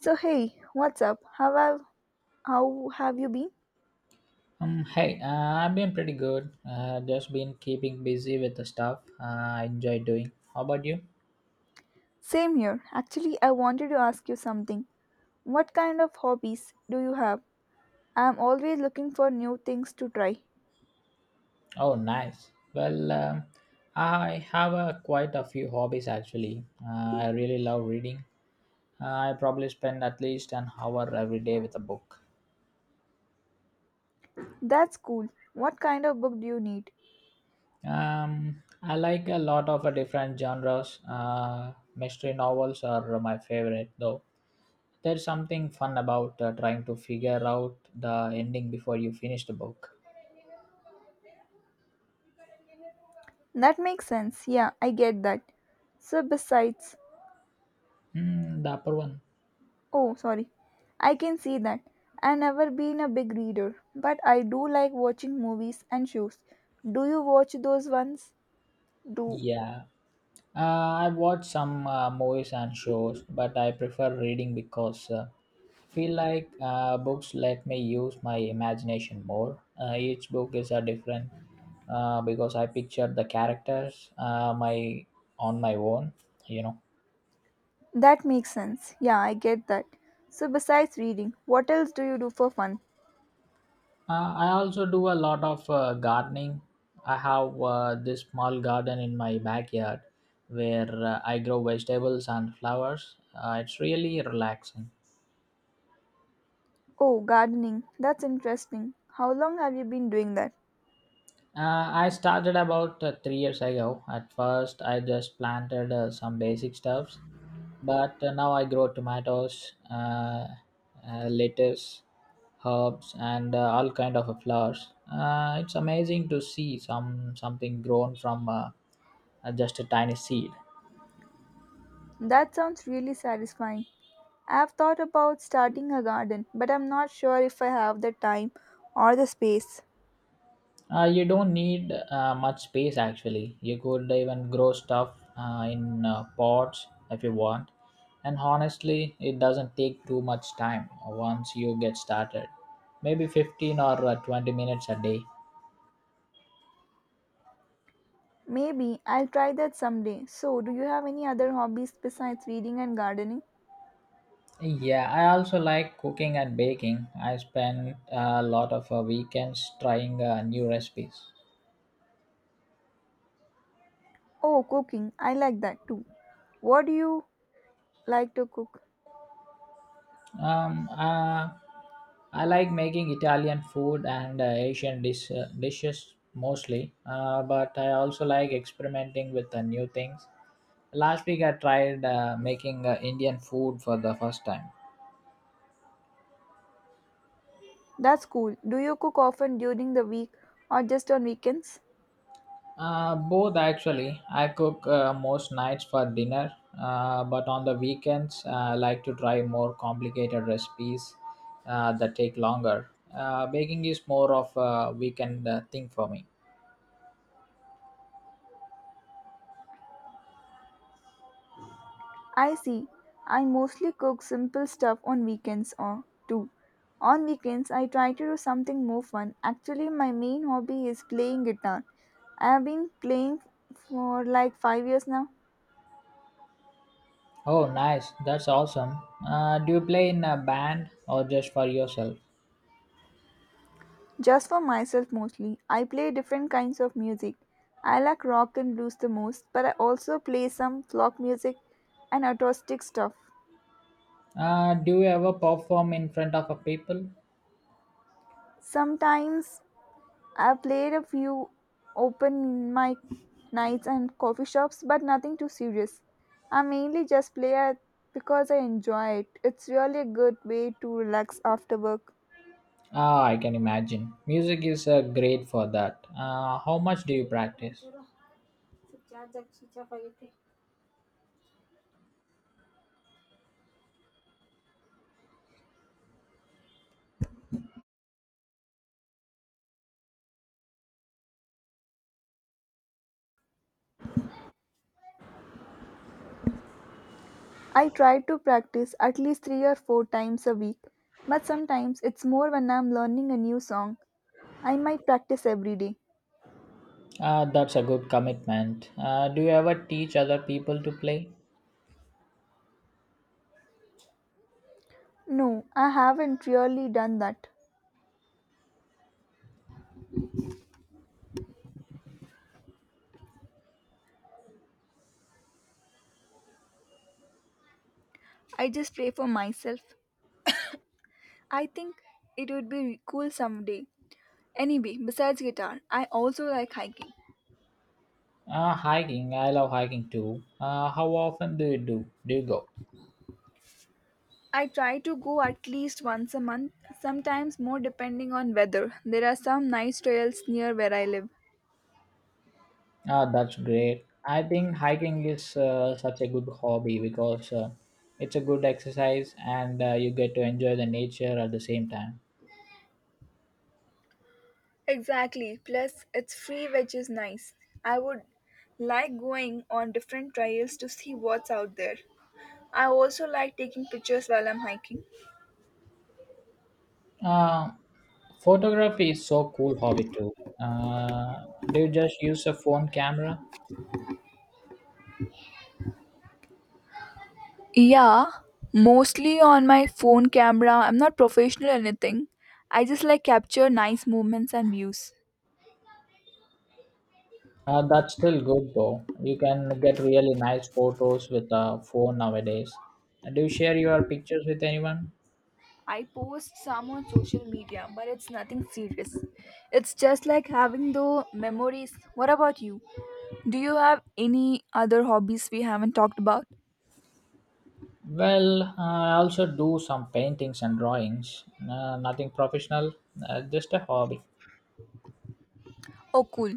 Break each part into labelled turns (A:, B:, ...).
A: So hey, what's up? How have you been?
B: Hey, I've been pretty good. Just been keeping busy with the stuff I enjoy doing. How about you?
A: Same here. Actually, I wanted to ask you something. What kind of hobbies do you have? I am always looking for new things to try.
B: Oh, nice. Well, I have quite a few hobbies actually. I really love reading. I probably spend at least an hour every day with a book.
A: That's cool. What kind of book do you need?
B: I like a lot of different genres. Mystery novels are my favorite though. There's something fun about trying to figure out the ending before you finish the book.
A: That makes sense. Yeah, I get that. So besides,
B: Mm, the upper one.
A: oh, sorry. I can see that. I never been a big reader, but I do like watching movies and shows. Do you watch those ones? Do
B: Yeah. I watch some movies and shows, but I prefer reading because I feel like books let me use my imagination more. Each book is a different because I picture the characters my on my own. You know.
A: That makes sense. Yeah, I get that. So, besides reading, what else do you do for fun?
B: I also do a lot of gardening. I have this small garden in my backyard where I grow vegetables and flowers. It's really relaxing.
A: Oh, gardening. That's interesting. How long have you been doing that?
B: I started about 3 years ago. At first, I just planted some basic stuffs, but now I grow tomatoes, lettuce, herbs, and all kind of flowers. It's amazing to see some something grown from just a tiny seed.
A: That sounds really satisfying. I've thought about starting a garden, but I'm not sure if I have the time or the space.
B: You don't need much space actually. You could even grow stuff in pots if you want. And honestly, it doesn't take too much time once you get started. Maybe 15 or 20 minutes a day.
A: Maybe I'll try that someday. So, do you have any other hobbies besides reading and gardening?
B: Yeah, I also like cooking and baking. I spend a lot of weekends trying new recipes.
A: Oh, cooking. I like that too. What do you like to cook?
B: Um, uh, I like making Italian food and Asian dishes mostly, but I also like experimenting with new things. Last week I tried making Indian food for the first time.
A: That's cool. Do you cook often during the week or just on weekends?
B: Both actually. I cook most nights for dinner, but on the weekends I like to try more complicated recipes that take longer. Baking is more of a weekend thing for me.
A: I see. I mostly cook simple stuff on weekends or too. On weekends, I try to do something more fun. Actually, my main hobby is playing guitar. I have been playing for like 5 years now,
B: Oh, nice. That's awesome. Do you play in a band or just for yourself?
A: just for myself mostly. I play different kinds of music. I like rock and blues the most, but I also play some folk music and acoustic stuff.
B: Do you ever perform in front of a people?
A: Sometimes I played a few open mic nights and coffee shops, but nothing too serious. I mainly just play it because I enjoy it. It's really a good way to relax after work.
B: Ah, I can imagine. Music is great for that. How much do you practice?
A: I try to practice at least three or four times a week, but sometimes it's more when I'm learning a new song. I might practice every day.
B: That's a good commitment. Do you ever teach other people to play?
A: No, I haven't really done that. I just pray for myself. I think it would be cool someday. Anyway, besides guitar, I also like hiking.
B: Hiking. I love hiking too. How often do you do? Do you go?
A: I try to go at least once a month, sometimes more depending on weather. There are some nice trails near where I live.
B: Ah, that's great. I think hiking is such a good hobby because it's a good exercise and you get to enjoy the nature at the same time.
A: Exactly. Plus, it's free, which is nice. I would like going on different trails to see what's out there. I also like taking pictures while I'm hiking.
B: Uh, Photography is so cool hobby too. Uh, do you just use a phone camera?
A: Yeah, mostly on my phone camera. I'm not professional or anything. I just like capture nice moments and views.
B: That's still good though. You can get really nice photos with a phone nowadays. Do you share your pictures with anyone?
A: I post some on social media, but it's nothing serious. It's just like having the memories. What about you? Do you have any other hobbies we haven't talked about?
B: Well, I also do some paintings and drawings. Nothing professional, just a hobby.
A: Oh, cool.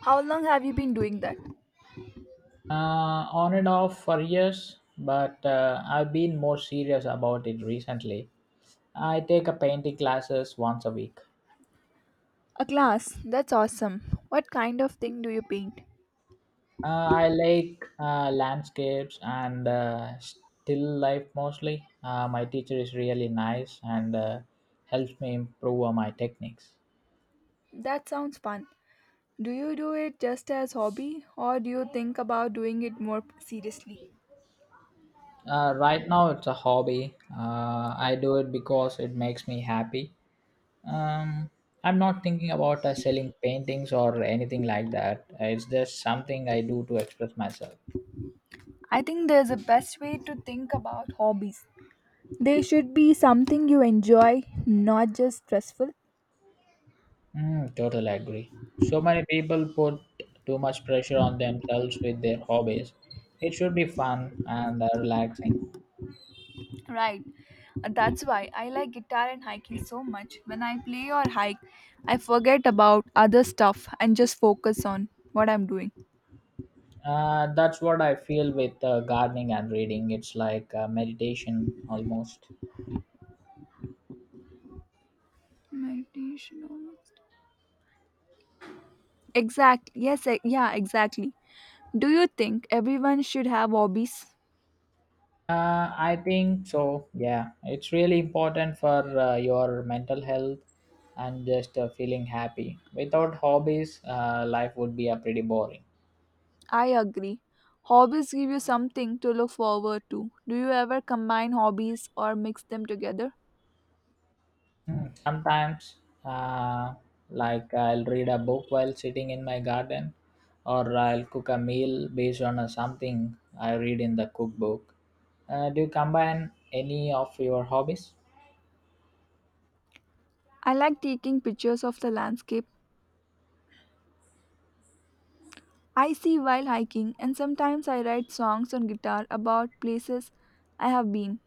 A: How long have you been doing that?
B: On and off for years, but I've been more serious about it recently. I take a painting classes once a week.
A: A class. That's awesome. What kind of thing do you paint?
B: I like landscapes and still life mostly. My teacher is really nice and helps me improve on my techniques.
A: That sounds fun. Do you do it just as hobby or do you think about doing it more seriously?
B: Right now, it's a hobby. I do it because it makes me happy. um I'm not thinking about selling paintings or anything like that. It's just something I do to express myself.
A: I think there's a best way to think about hobbies. They should be something you enjoy, not just stressful.
B: Mm, totally agree. So many people put too much pressure on themselves with their hobbies. It should be fun and relaxing.
A: Right. That's why I like guitar and hiking so much. When I play or hike, I forget about other stuff and just focus on what I'm doing.
B: That's what I feel with gardening and reading. It's like meditation almost.
A: Meditation almost. Exactly. Yes, yeah, exactly. Do you think everyone should have hobbies?
B: I think so. Yeah, it's really important for your mental health and just feeling happy. Without hobbies, life would be a pretty boring.
A: I agree. Hobbies give you something to look forward to. Do you ever combine hobbies or mix them together?
B: Mm. Sometimes, uh, like I'll read a book while sitting in my garden, or I'll cook a meal based on something I read in the cookbook. Do you combine any of your hobbies?
A: I like taking pictures of the landscape I see while hiking, and sometimes I write songs on guitar about places I have been.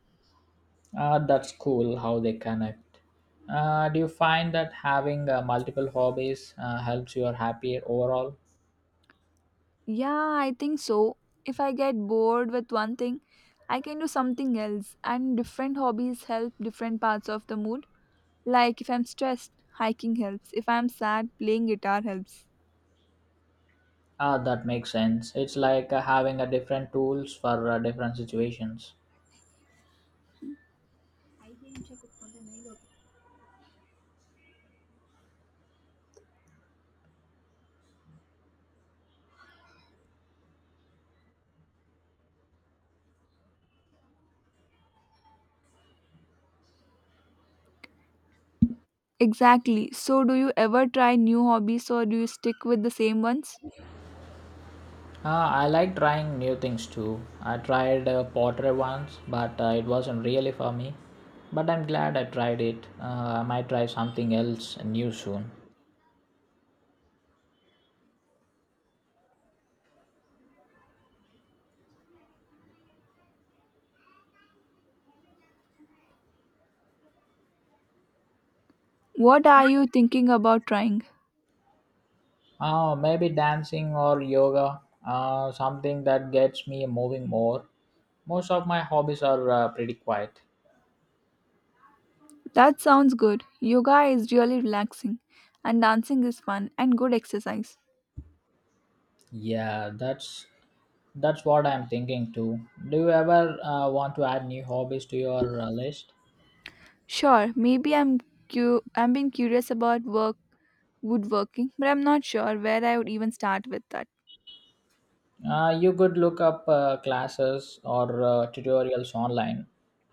B: That's cool how they connect. Do you find that having multiple hobbies helps you are happier overall?
A: Yeah, I think so. If I get bored with one thing, I can do something else, and different hobbies help different parts of the mood. Like if I'm stressed, hiking helps. If I'm sad, playing guitar helps.
B: Ah, that makes sense. It's like having a different tools for different situations.
A: Exactly. So, do you ever try new hobbies or do you stick with the same ones?
B: Ah, I like trying new things too. I tried pottery once, but it wasn't really for me. But I'm glad I tried it. I might try something else new soon.
A: What are you thinking about trying?
B: Oh, maybe dancing or yoga, something that gets me moving more. Most of my hobbies are pretty quiet.
A: That sounds good. Yoga is really relaxing, and dancing is fun and good exercise.
B: Yeah, that's what I'm thinking too. Do you ever want to add new hobbies to your list?
A: Sure, maybe I'm been curious about work woodworking, but I'm not sure where I would even start with that.
B: You could look up classes or tutorials online.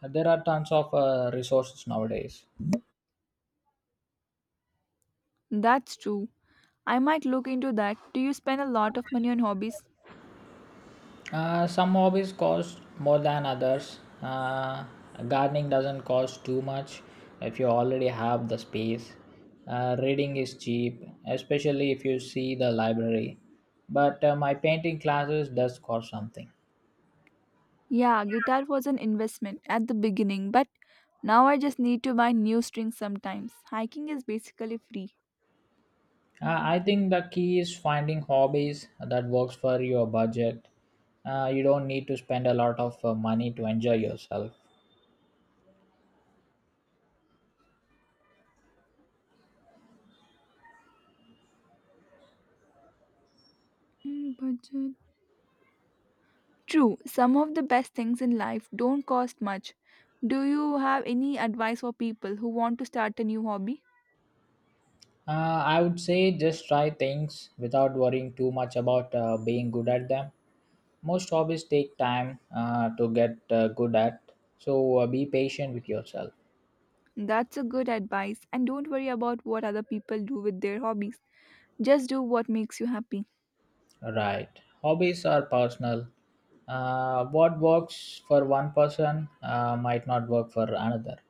B: There are tons of resources nowadays.
A: That's true. I might look into that. Do you spend a lot of money on hobbies?
B: Some hobbies cost more than others. Gardening doesn't cost too much if you already have the space. Reading is cheap, especially if you see the library. But my painting classes does cost something.
A: Yeah, guitar was an investment at the beginning, but now I just need to buy new strings sometimes. Hiking is basically free.
B: I think the key is finding hobbies that works for your budget. You don't need to spend a lot of money to enjoy yourself.
A: Mm, budget. True, some of the best things in life don't cost much. Do you have any advice for people who want to start a new hobby?
B: Uh, I would say just try things without worrying too much about being good at them. Most hobbies take time to get good at, so be patient with yourself.
A: That's a good advice, and don't worry about what other people do with their hobbies. Just do what makes you happy.
B: Right. Hobbies are personal. What works for one person might not work for another.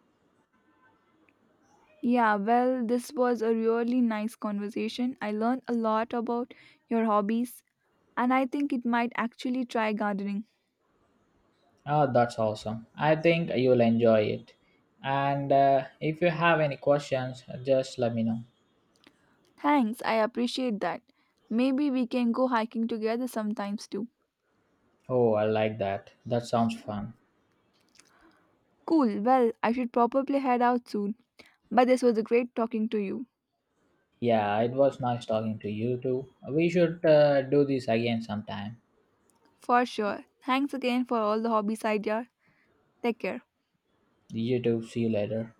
A: Yeah, well, this was a really nice conversation. I learned a lot about your hobbies, and I think it might actually try gardening.
B: Oh, that's awesome. I think you'll enjoy it. And if you have any questions, just let me know.
A: Thanks, I appreciate that. Maybe we can go hiking together sometimes too.
B: Oh, I like that. That sounds fun.
A: Cool, well, I should probably head out soon. But this was a great talking to you.
B: Yeah, it was nice talking to you too. We should do this again sometime.
A: For sure. Thanks again for all the hobbies idea. Take care.
B: You too. See you later.